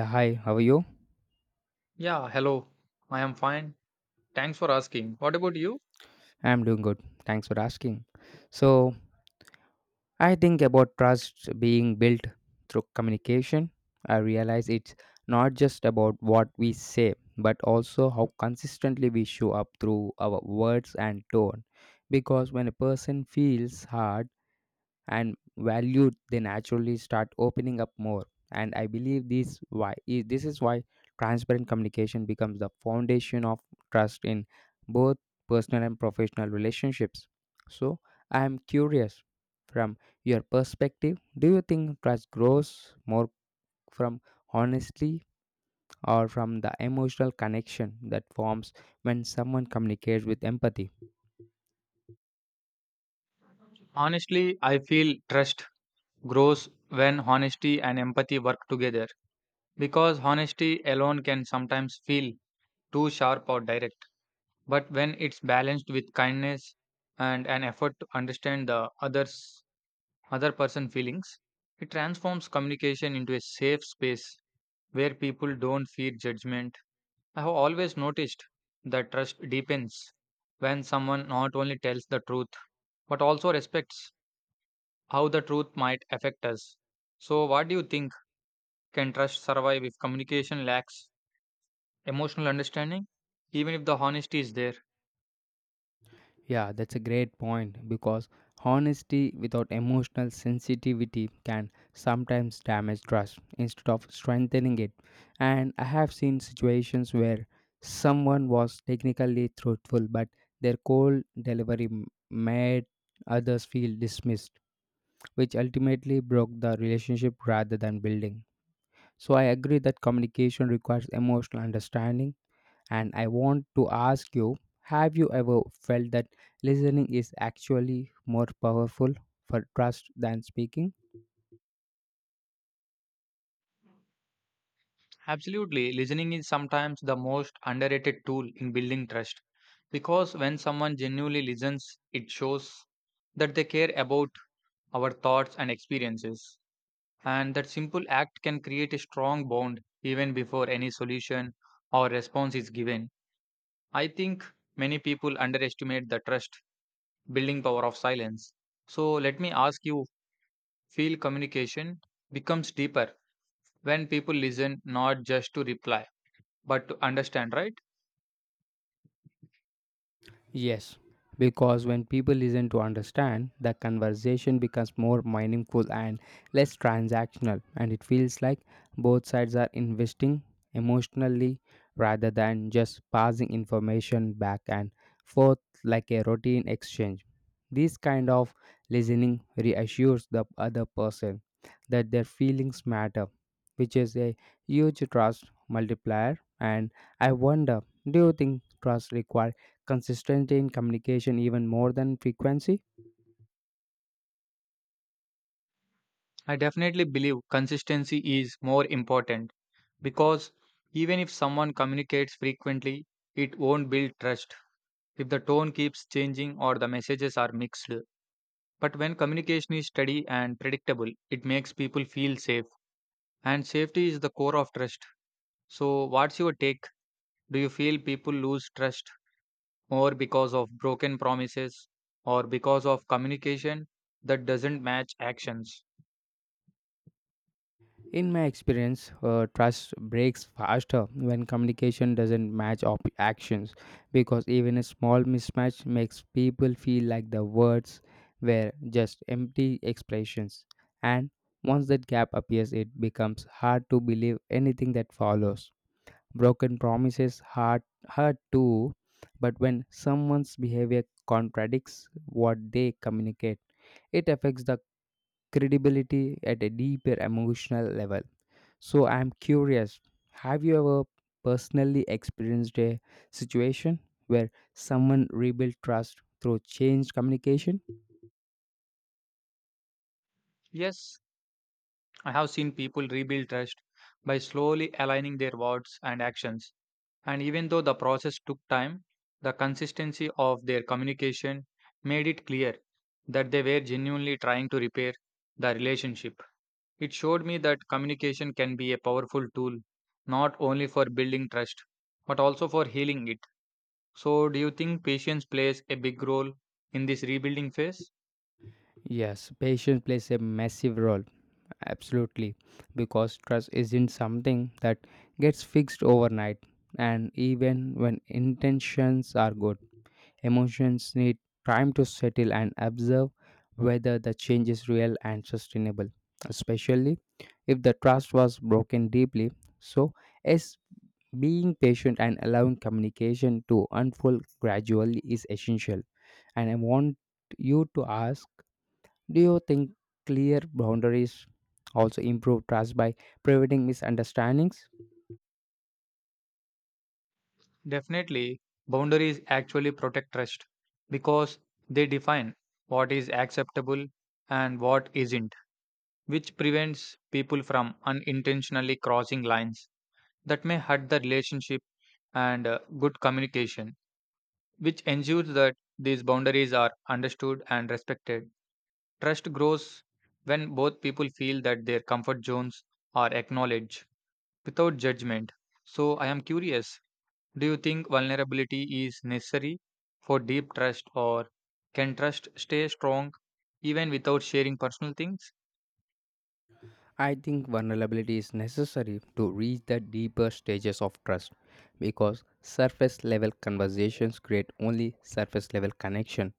Yeah, hi, how are you? Yeah, hello. I am fine. Thanks for asking. What about you? I'm doing good. Thanks for asking. So, I think about trust being built through communication. I realize it's not just about what we say, but also how consistently we show up through our words and tone. Because when a person feels hard, and valued, they naturally start opening up more. And I believe this is why transparent communication becomes the foundation of trust in both personal and professional relationships. So I am curious from your perspective, do you think trust grows more from honesty or from the emotional connection that forms when someone communicates with empathy? Honestly, I feel trust grows when honesty and empathy work together because honesty alone can sometimes feel too sharp or direct. But when it's balanced with kindness and an effort to understand the other's other person feelings, it transforms communication into a safe space where people don't fear judgment. I have always noticed that trust deepens when someone not only tells the truth but also respects how the truth might affect us. So, what do you think, can trust survive if communication lacks emotional understanding, even if the honesty is there? Yeah, that's a great point because honesty without emotional sensitivity can sometimes damage trust instead of strengthening it. And I have seen situations where someone was technically truthful, but their cold delivery made others feel dismissed, which ultimately broke the relationship rather than building. So I agree that communication requires emotional understanding and I want to ask you, have you ever felt that listening is actually more powerful for trust than speaking? Absolutely, listening is sometimes the most underrated tool in building trust because when someone genuinely listens, it shows that they care about our thoughts and experiences. And that simple act can create a strong bond even before any solution or response is given. I think many people underestimate the trust building power of silence. So let me ask you, feel communication becomes deeper when people listen not just to reply but to understand, right? Yes, because when people listen to understand, the conversation becomes more meaningful and less transactional, and it feels like both sides are investing emotionally rather than just passing information back and forth like a routine exchange. This kind of listening reassures the other person that their feelings matter, which is a huge trust multiplier. And I wonder, do you think trust requires consistency in communication even more than frequency? I definitely believe consistency is more important because even if someone communicates frequently, it won't build trust if the tone keeps changing or the messages are mixed. But when communication is steady and predictable, it makes people feel safe. And safety is the core of trust. So, what's your take? Do you feel people lose trust more because of broken promises or because of communication that doesn't match actions? In my experience, trust breaks faster when communication doesn't match up actions because even a small mismatch makes people feel like the words were just empty expressions. And once that gap appears, it becomes hard to believe anything that follows. Broken promises hurt too, but when someone's behavior contradicts what they communicate, it affects the credibility at a deeper emotional level. So I'm curious, have you ever personally experienced a situation where someone rebuilt trust through changed communication? Yes, I have seen people rebuild trust by slowly aligning their words and actions. And even though the process took time, the consistency of their communication made it clear that they were genuinely trying to repair the relationship. It showed me that communication can be a powerful tool, not only for building trust, but also for healing it. So, do you think patience plays a big role in this rebuilding phase? Yes, patience plays a massive role. Absolutely, because trust isn't something that gets fixed overnight, and even when intentions are good, emotions need time to settle and observe whether the change is real and sustainable, especially if the trust was broken deeply. So, as being patient and allowing communication to unfold gradually is essential. And I want you to ask, do you think clear boundaries also improve trust by preventing misunderstandings? Definitely, boundaries actually protect trust because they define what is acceptable and what isn't, which prevents people from unintentionally crossing lines that may hurt the relationship, and good communication, which ensures that these boundaries are understood and respected. Trust grows when both people feel that their comfort zones are acknowledged without judgment. So, I am curious, do you think vulnerability is necessary for deep trust, or can trust stay strong even without sharing personal things? I think vulnerability is necessary to reach the deeper stages of trust because surface level conversations create only surface level connection.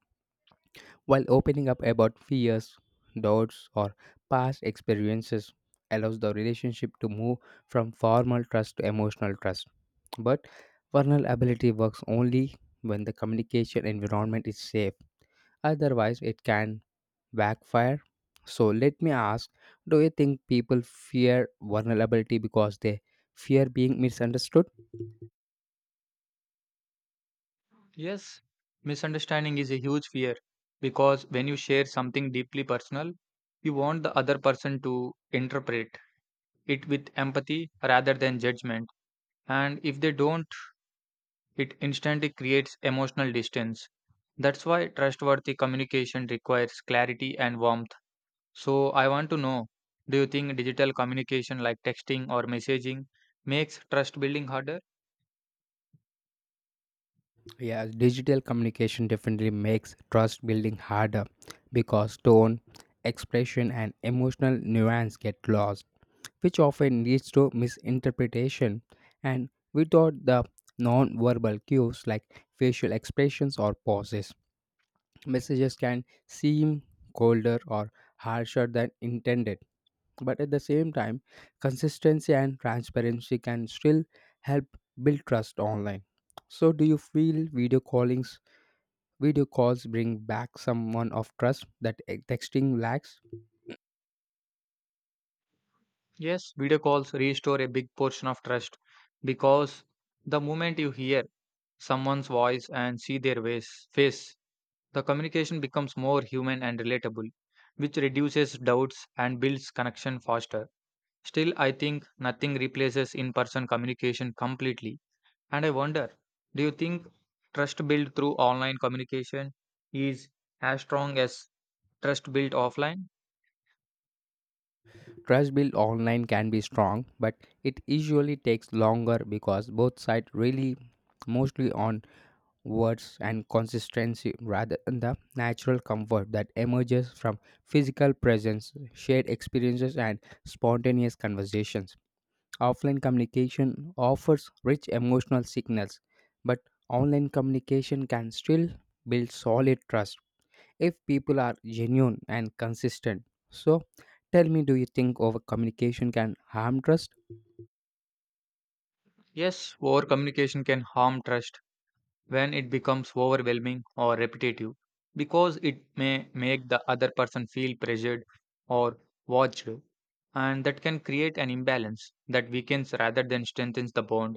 While opening up about fears, doubts, or past experiences allows the relationship to move from formal trust to emotional trust. But vulnerability works only when the communication environment is safe. Otherwise, it can backfire. So, let me ask, do you think people fear vulnerability because they fear being misunderstood? Yes, misunderstanding is a huge fear because when you share something deeply personal, you want the other person to interpret it with empathy rather than judgment. And if they don't, it instantly creates emotional distance. That's why trustworthy communication requires clarity and warmth. So, I want to know, do you think digital communication like texting or messaging makes trust building harder? Yeah, digital communication definitely makes trust building harder because tone, expression, and emotional nuance get lost, which often leads to misinterpretation. And without the non verbal cues like facial expressions or pauses, messages can seem colder or harsher than intended. But at the same time, consistency and transparency can still help build trust online. So, do you feel video callings? Video calls bring back someone of trust that texting lacks. Yes, video calls restore a big portion of trust because the moment you hear someone's voice and see their face, the communication becomes more human and relatable, which reduces doubts and builds connection faster. Still, I think nothing replaces in person communication completely. And I wonder, do you think trust built through online communication is as strong as trust built offline? Trust built online can be strong, but it usually takes longer because both sides really mostly on words and consistency rather than the natural comfort that emerges from physical presence, shared experiences, and spontaneous conversations. Offline communication offers rich emotional signals, but online communication can still build solid trust if people are genuine and consistent. So, tell me, do you think over communication can harm trust? Yes, over communication can harm trust when it becomes overwhelming or repetitive because it may make the other person feel pressured or watched, and that can create an imbalance that weakens rather than strengthens the bond.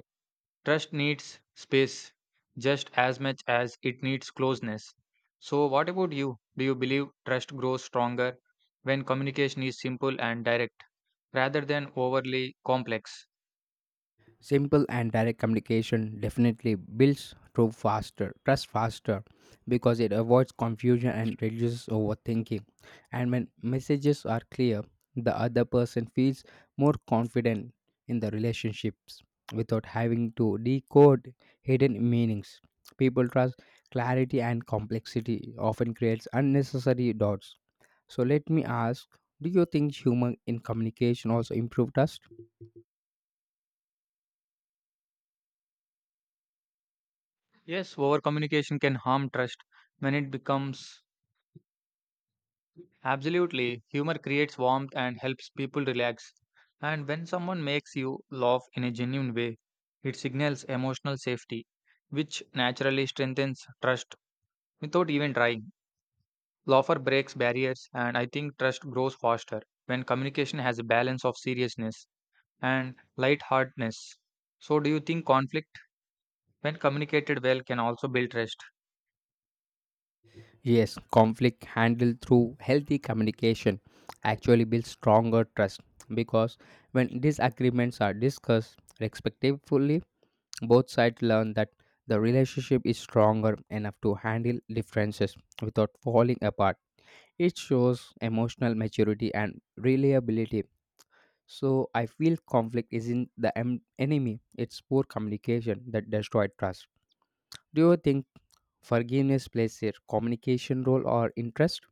Trust needs space just as much as it needs closeness. So what about you, do you believe trust grows stronger when communication is simple and direct rather than overly complex? Simple and direct communication definitely builds trust faster because it avoids confusion and reduces overthinking. And when messages are clear, the other person feels more confident in the relationships without having to decode hidden meanings. People trust clarity and complexity often creates unnecessary doubts. So let me ask, do you think human in communication also improved us? Yes over communication can harm trust when it becomes Absolutely, humor creates warmth and helps people relax. And when someone makes you laugh in a genuine way, it signals emotional safety, which naturally strengthens trust without even trying. Laughter breaks barriers, and I think trust grows faster when communication has a balance of seriousness and lightheartedness. So, do you think conflict, when communicated well, can also build trust? Yes, conflict handled through healthy communication actually builds stronger trust because when disagreements are discussed respectfully, both sides learn that the relationship is stronger enough to handle differences without falling apart. It shows emotional maturity and reliability. So I feel conflict isn't the enemy, it's poor communication that destroyed trust. Do you think forgiveness plays a communication role or interest?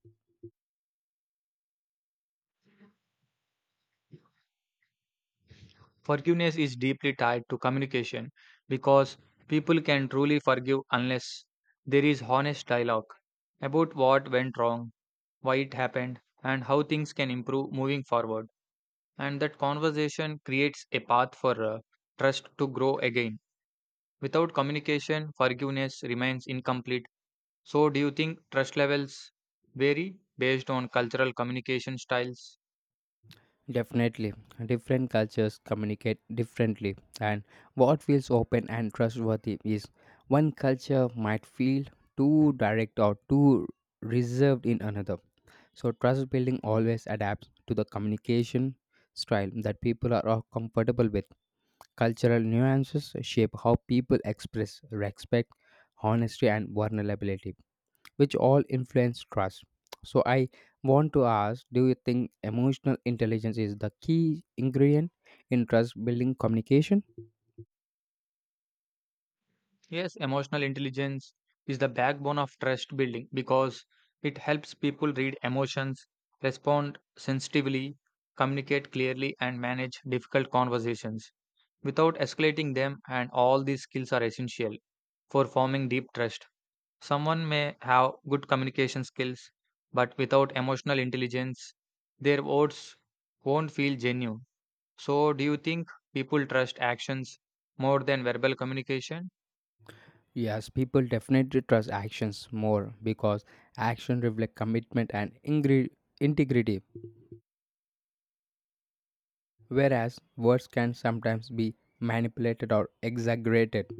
Forgiveness is deeply tied to communication because people can truly forgive unless there is honest dialogue about what went wrong, why it happened, and how things can improve moving forward. And that conversation creates a path for trust to grow again. Without communication, forgiveness remains incomplete. So, do you think trust levels vary based on cultural communication styles? Definitely. Different cultures communicate differently, and what feels open and trustworthy is one culture might feel too direct or too reserved in another. So, trust building always adapts to the communication style that people are all comfortable with. Cultural nuances shape how people express respect, honesty, and vulnerability which all influence trust. So, I want to ask, do you think emotional intelligence is the key ingredient in trust building communication? Yes, emotional intelligence is the backbone of trust building because it helps people read emotions, respond sensitively, communicate clearly, and manage difficult conversations without escalating them. And all these skills are essential for forming deep trust. Someone may have good communication skills, but without emotional intelligence, their words won't feel genuine. So, do you think people trust actions more than verbal communication? Yes, people definitely trust actions more because action reflect commitment and integrity, whereas words can sometimes be manipulated or exaggerated.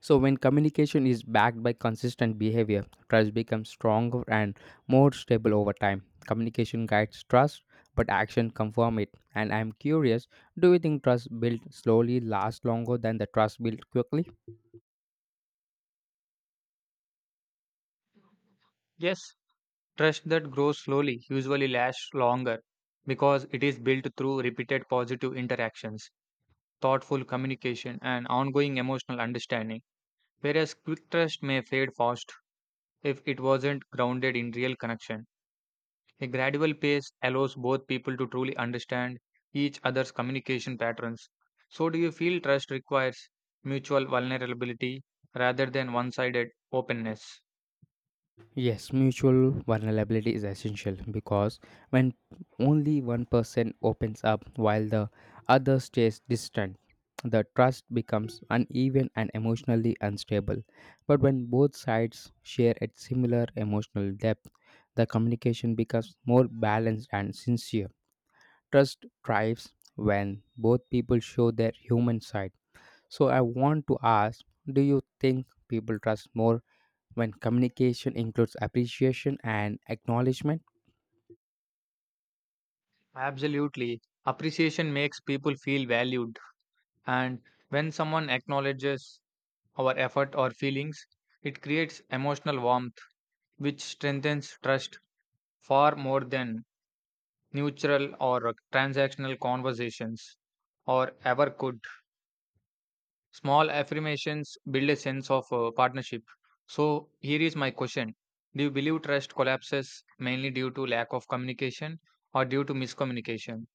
So, when communication is backed by consistent behavior, trust becomes stronger and more stable over time. Communication guides trust, but action confirms it. And I'm curious, do you think trust built slowly lasts longer than the trust built quickly? Yes, trust that grows slowly usually lasts longer because it is built through repeated positive interactions, thoughtful communication, and ongoing emotional understanding. Whereas quick trust may fade fast if it wasn't grounded in real connection. A gradual pace allows both people to truly understand each other's communication patterns. So, do you feel trust requires mutual vulnerability rather than one sided openness? Yes, mutual vulnerability is essential because when only one person opens up while the other stays distant, the trust becomes uneven and emotionally unstable. But when both sides share a similar emotional depth, the communication becomes more balanced and sincere. Trust thrives when both people show their human side. So I want to ask, do you think people trust more when communication includes appreciation and acknowledgement? Absolutely. Appreciation makes people feel valued. And when someone acknowledges our effort or feelings, it creates emotional warmth, which strengthens trust far more than neutral or transactional conversations or ever could. Small affirmations build a sense of partnership. So, here is my question: do you believe trust collapses mainly due to lack of communication or due to miscommunication?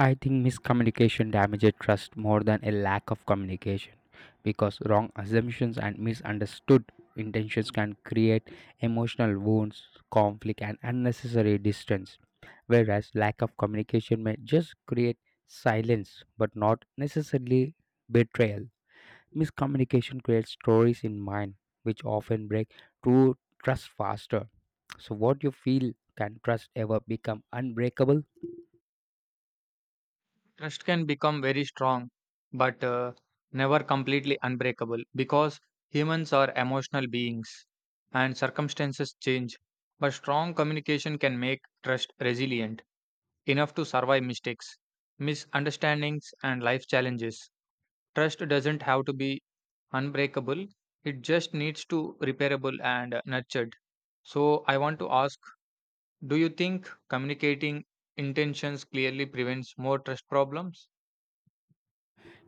I think miscommunication damages trust more than a lack of communication because wrong assumptions and misunderstood intentions can create emotional wounds, conflict, and unnecessary distance. Whereas lack of communication may just create silence but not necessarily betrayal. Miscommunication creates stories in mind which often break true trust faster. So, what you feel, can trust ever become unbreakable? Trust can become very strong, but never completely unbreakable because humans are emotional beings and circumstances change. But strong communication can make trust resilient enough to survive mistakes, misunderstandings, and life challenges. Trust doesn't have to be unbreakable, it just needs to repairable and nurtured. So, I want to ask, do you think communicating intentions clearly prevents more trust problems?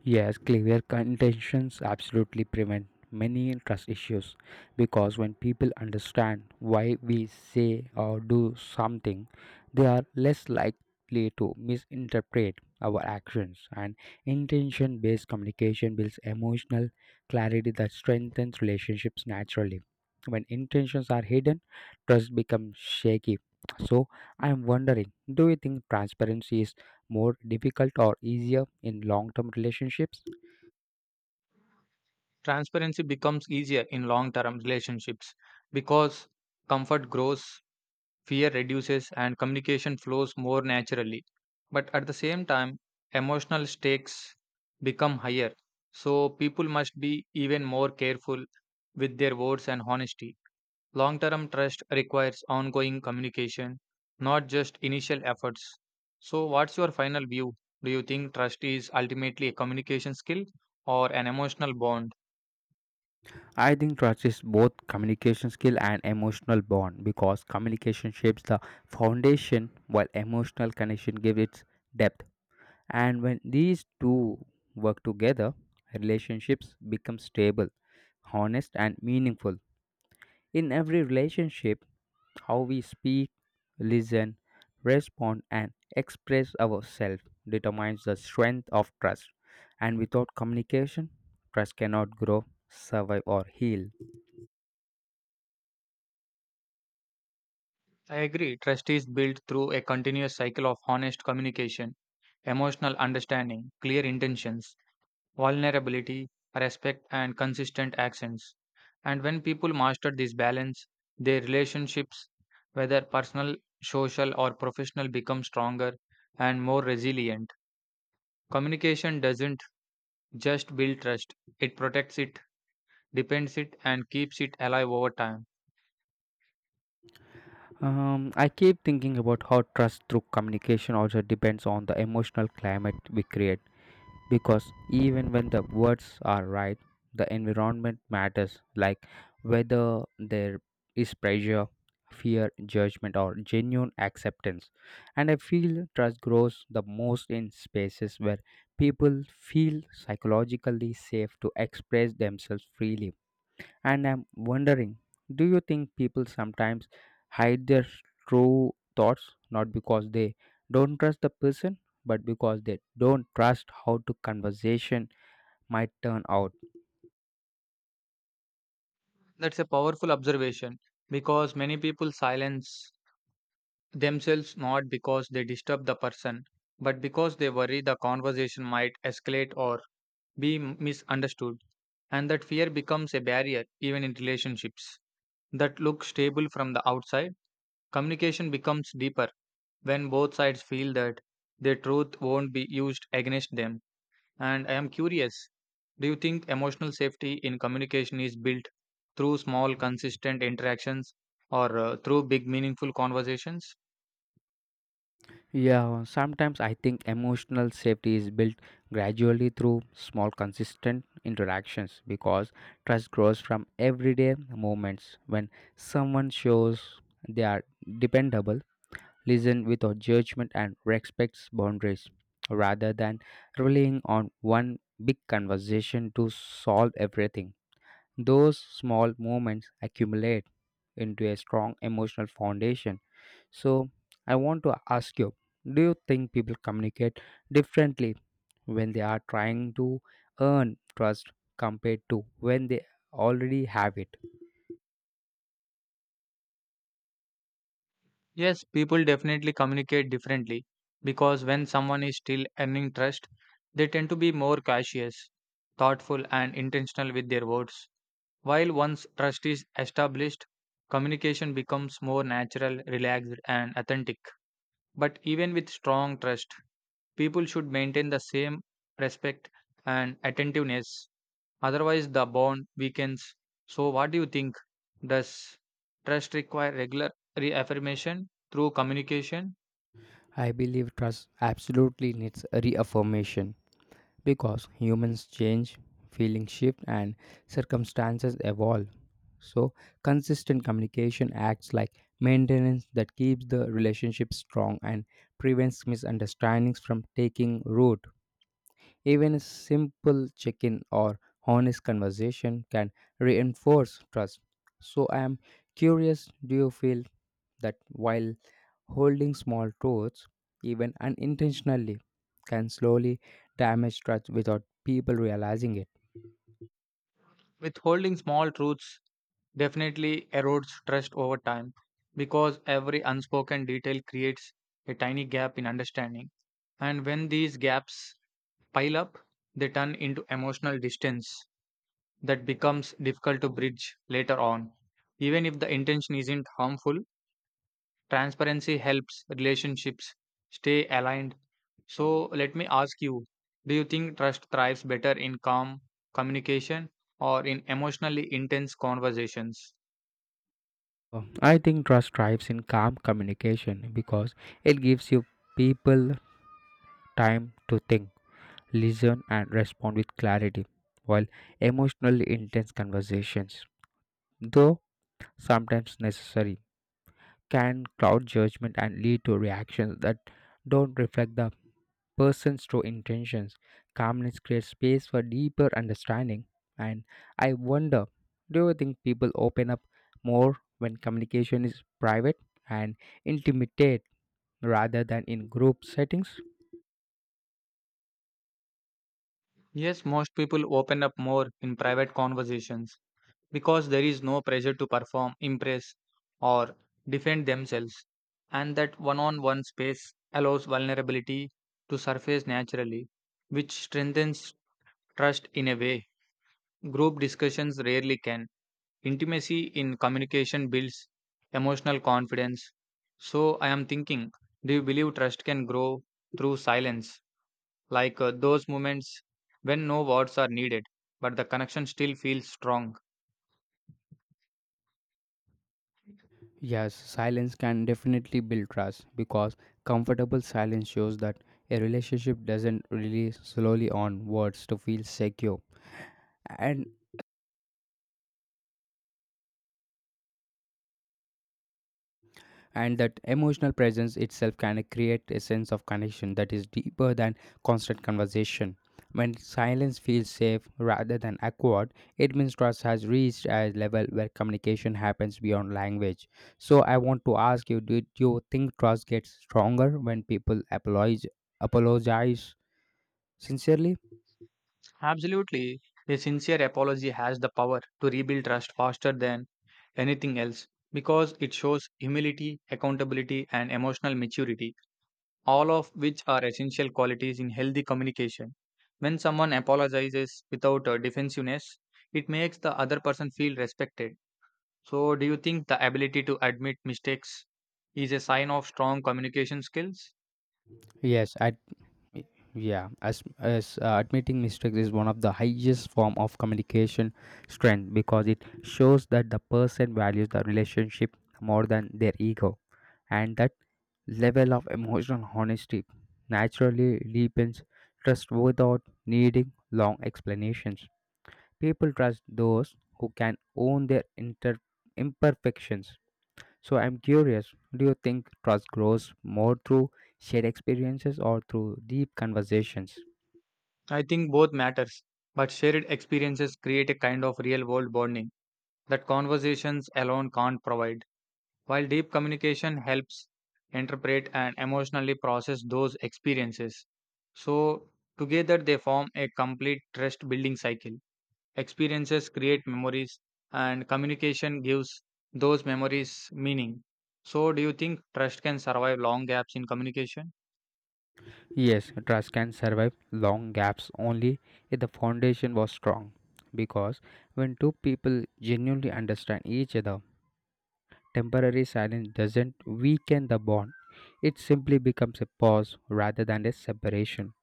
Yes, clear intentions absolutely prevent many trust issues because when people understand why we say or do something, they are less likely to misinterpret our actions and intention based communication builds emotional clarity that strengthens relationships naturally. When intentions are hidden, trust becomes shaky. So, I am wondering, do you think transparency is more difficult or easier in long term relationships? Transparency becomes easier in long term relationships because comfort grows, fear reduces, and communication flows more naturally. But at the same time, emotional stakes become higher. So people must be even more careful with their words and honesty. Long term trust requires ongoing communication, not just initial efforts. So, what's your final view? Do you think trust is ultimately a communication skill or an emotional bond? I think trust is both communication skill and emotional bond because communication shapes the foundation while emotional connection gives its depth. And when these two work together, relationships become stable, honest, and meaningful. In every relationship, how we speak, listen, respond, and express ourselves determines the strength of trust. And without communication, trust cannot grow, survive, or heal. I agree. Trust is built through a continuous cycle of honest communication, emotional understanding, clear intentions, vulnerability, respect, and consistent actions. And when people master this balance, their relationships, whether personal, social, or professional, become stronger and more resilient. Communication doesn't just build trust, it protects it, depends it, and keeps it alive over time. I keep thinking about how trust through communication also depends on the emotional climate we create. Because even when the words are right, the environment matters, like whether there is pressure, fear, judgment, or genuine acceptance. And I feel trust grows the most in spaces where people feel psychologically safe to express themselves freely. And I'm wondering, do you think people sometimes hide their true thoughts not because they don't trust the person, but because they don't trust how the conversation might turn out? That's a powerful observation because many people silence themselves not because they disturb the person, but because they worry the conversation might escalate or be misunderstood. And that fear becomes a barrier even in relationships that look stable from the outside. Communication becomes deeper when both sides feel that their truth won't be used against them. And I am curious, do you think emotional safety in communication is built through small, consistent interactions or through big, meaningful conversations? Yeah, sometimes I think emotional safety is built gradually through small, consistent interactions because trust grows from everyday moments when someone shows they are dependable, listen without judgment, and respects boundaries rather than relying on one big conversation to solve everything. Those small moments accumulate into a strong emotional foundation. So, I want to ask you, do you think people communicate differently when they are trying to earn trust compared to when they already have it? Yes, people definitely communicate differently because when someone is still earning trust, they tend to be more cautious, thoughtful, and intentional with their words. While once trust is established, communication becomes more natural, relaxed, and authentic. But even with strong trust, people should maintain the same respect and attentiveness. Otherwise, the bond weakens. So, what do you think? Does trust require regular reaffirmation through communication? I believe trust absolutely needs reaffirmation because humans change, feelings shift, and circumstances evolve. So, consistent communication acts like maintenance that keeps the relationship strong and prevents misunderstandings from taking root. Even a simple check in or honest conversation can reinforce trust. So, I am curious, do you feel that while holding small truths, even unintentionally, can slowly damage trust without people realizing it? Withholding small truths definitely erodes trust over time because every unspoken detail creates a tiny gap in understanding. And when these gaps pile up, they turn into emotional distance that becomes difficult to bridge later on. Even if the intention isn't harmful, transparency helps relationships stay aligned. So, let me ask you, do you think trust thrives better in calm communication or in emotionally intense conversations? I think trust thrives in calm communication because it gives you people time to think, listen, and respond with clarity, while emotionally intense conversations though sometimes necessary, can cloud judgment and lead to reactions that don't reflect the person's true intentions. Calmness creates space for deeper understanding. And I wonder, do you think people open up more when communication is private and intimate rather than in group settings? Yes, most people open up more in private conversations because there is no pressure to perform, impress, or defend themselves, and that one on one space allows vulnerability to surface naturally, which strengthens trust in a way group discussions rarely can. Intimacy in communication builds emotional confidence. So, I am thinking, do you believe trust can grow through silence? Like those moments when no words are needed, but the connection still feels strong. Yes, silence can definitely build trust because comfortable silence shows that a relationship doesn't really slowly on words to feel secure and and that emotional presence itself can create a sense of connection that is deeper than constant conversation. When silence feels safe rather than awkward, it means trust has reached a level where communication happens beyond language. So I want to ask you, did you think trust gets stronger when people apologize sincerely? Absolutely. A sincere apology has the power to rebuild trust faster than anything else because it shows humility, accountability, and emotional maturity, all of which are essential qualities in healthy communication. When someone apologizes without defensiveness, it makes the other person feel respected. So, do you think the ability to admit mistakes is a sign of strong communication skills? Yes, I yeah, as admitting mistakes is one of the highest form of communication strength because it shows that the person values the relationship more than their ego, and that level of emotional honesty naturally deepens trust without needing long explanations. People trust those who can own their imperfections. So I'm curious, do you think trust grows more through shared experiences or through deep conversations? I think both matters, but shared experiences create a kind of real world bonding that conversations alone can't provide. While deep communication helps interpret and emotionally process those experiences, so together they form a complete trust building cycle. Experiences create memories, and communication gives those memories meaning. So, do you think trust can survive long gaps in communication? Yes, trust can survive long gaps only if the foundation was strong. Because when two people genuinely understand each other, temporary silence doesn't weaken the bond, it simply becomes a pause rather than a separation.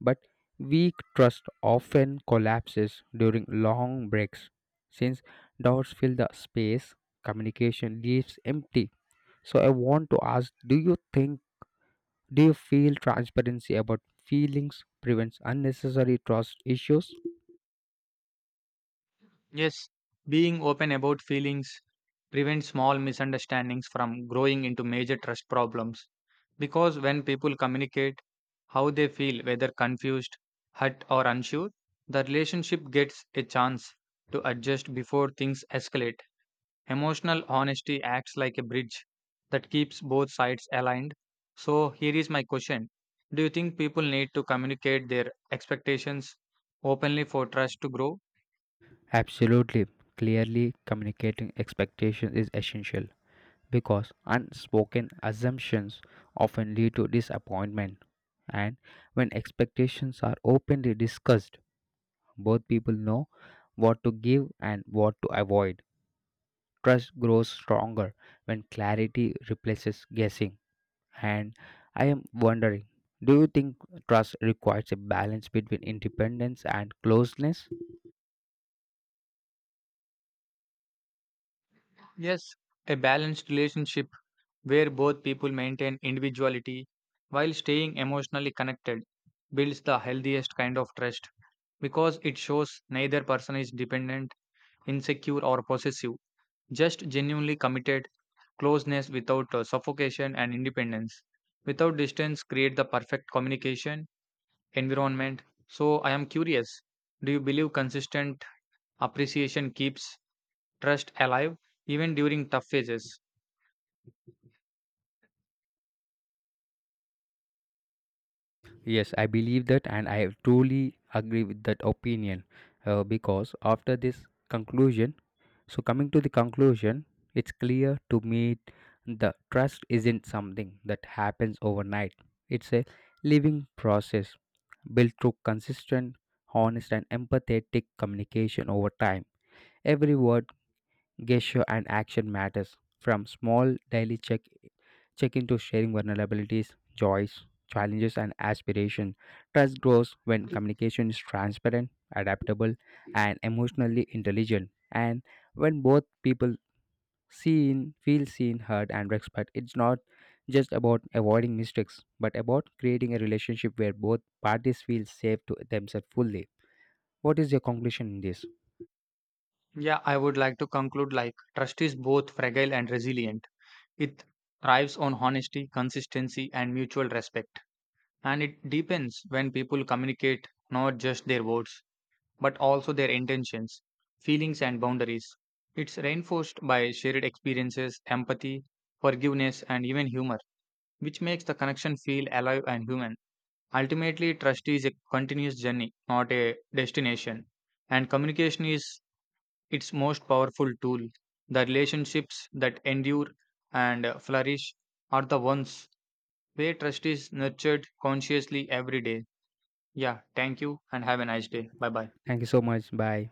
But weak trust often collapses during long breaks. Since doubts fill the space, communication leaves empty. So I want to ask do you think, do you feel transparency about feelings prevents unnecessary trust issues? Yes, being open about feelings prevents small misunderstandings from growing into major trust problems. Because when people communicate how they feel, whether confused, hurt, or unsure, the relationship gets a chance to adjust before things escalate. Emotional honesty acts like a bridge that keeps both sides aligned. So, here is my question: do you think people need to communicate their expectations openly for trust to grow? Absolutely. Clearly communicating expectations is essential, because unspoken assumptions often lead to disappointment. And when expectations are openly discussed, both people know what to give and what to avoid. Trust grows stronger when clarity replaces guessing. And I am wondering, do you think trust requires a balance between independence and closeness? Yes, a balanced relationship where both people maintain individuality while staying emotionally connected builds the healthiest kind of trust because it shows neither person is dependent, insecure, or possessive, just genuinely committed closeness without suffocation and independence. Without distance, create the perfect communication environment. So, I am curious, do you believe consistent appreciation keeps trust alive even during tough phases? Yes, I believe that, and I truly agree with that opinion, because after this conclusion, so, coming to the conclusion, it's clear to me the trust isn't something that happens overnight. It's a living process built through consistent, honest, and empathetic communication over time. Every word, gesture and action matters, from small daily check in to sharing vulnerabilities, joys, challenges and aspiration. Trust grows when communication is transparent, adaptable, and emotionally intelligent, and when both people seen feel seen, heard and respect. It's not just about avoiding mistakes but about creating a relationship where both parties feel safe to themselves fully. What is your conclusion in this? Yeah, I would like to conclude like trust is both fragile and resilient. It thrives on honesty, consistency, and mutual respect. And it deepens when people communicate not just their words, but also their intentions, feelings, and boundaries. It's reinforced by shared experiences, empathy, forgiveness, and even humor, which makes the connection feel alive and human. Ultimately, trust is a continuous journey, not a destination. And communication is its most powerful tool. The relationships that endure and flourish are the ones where trust is nurtured consciously every day. Yeah, thank you and have a nice day. Bye bye. Thank you so much, bye.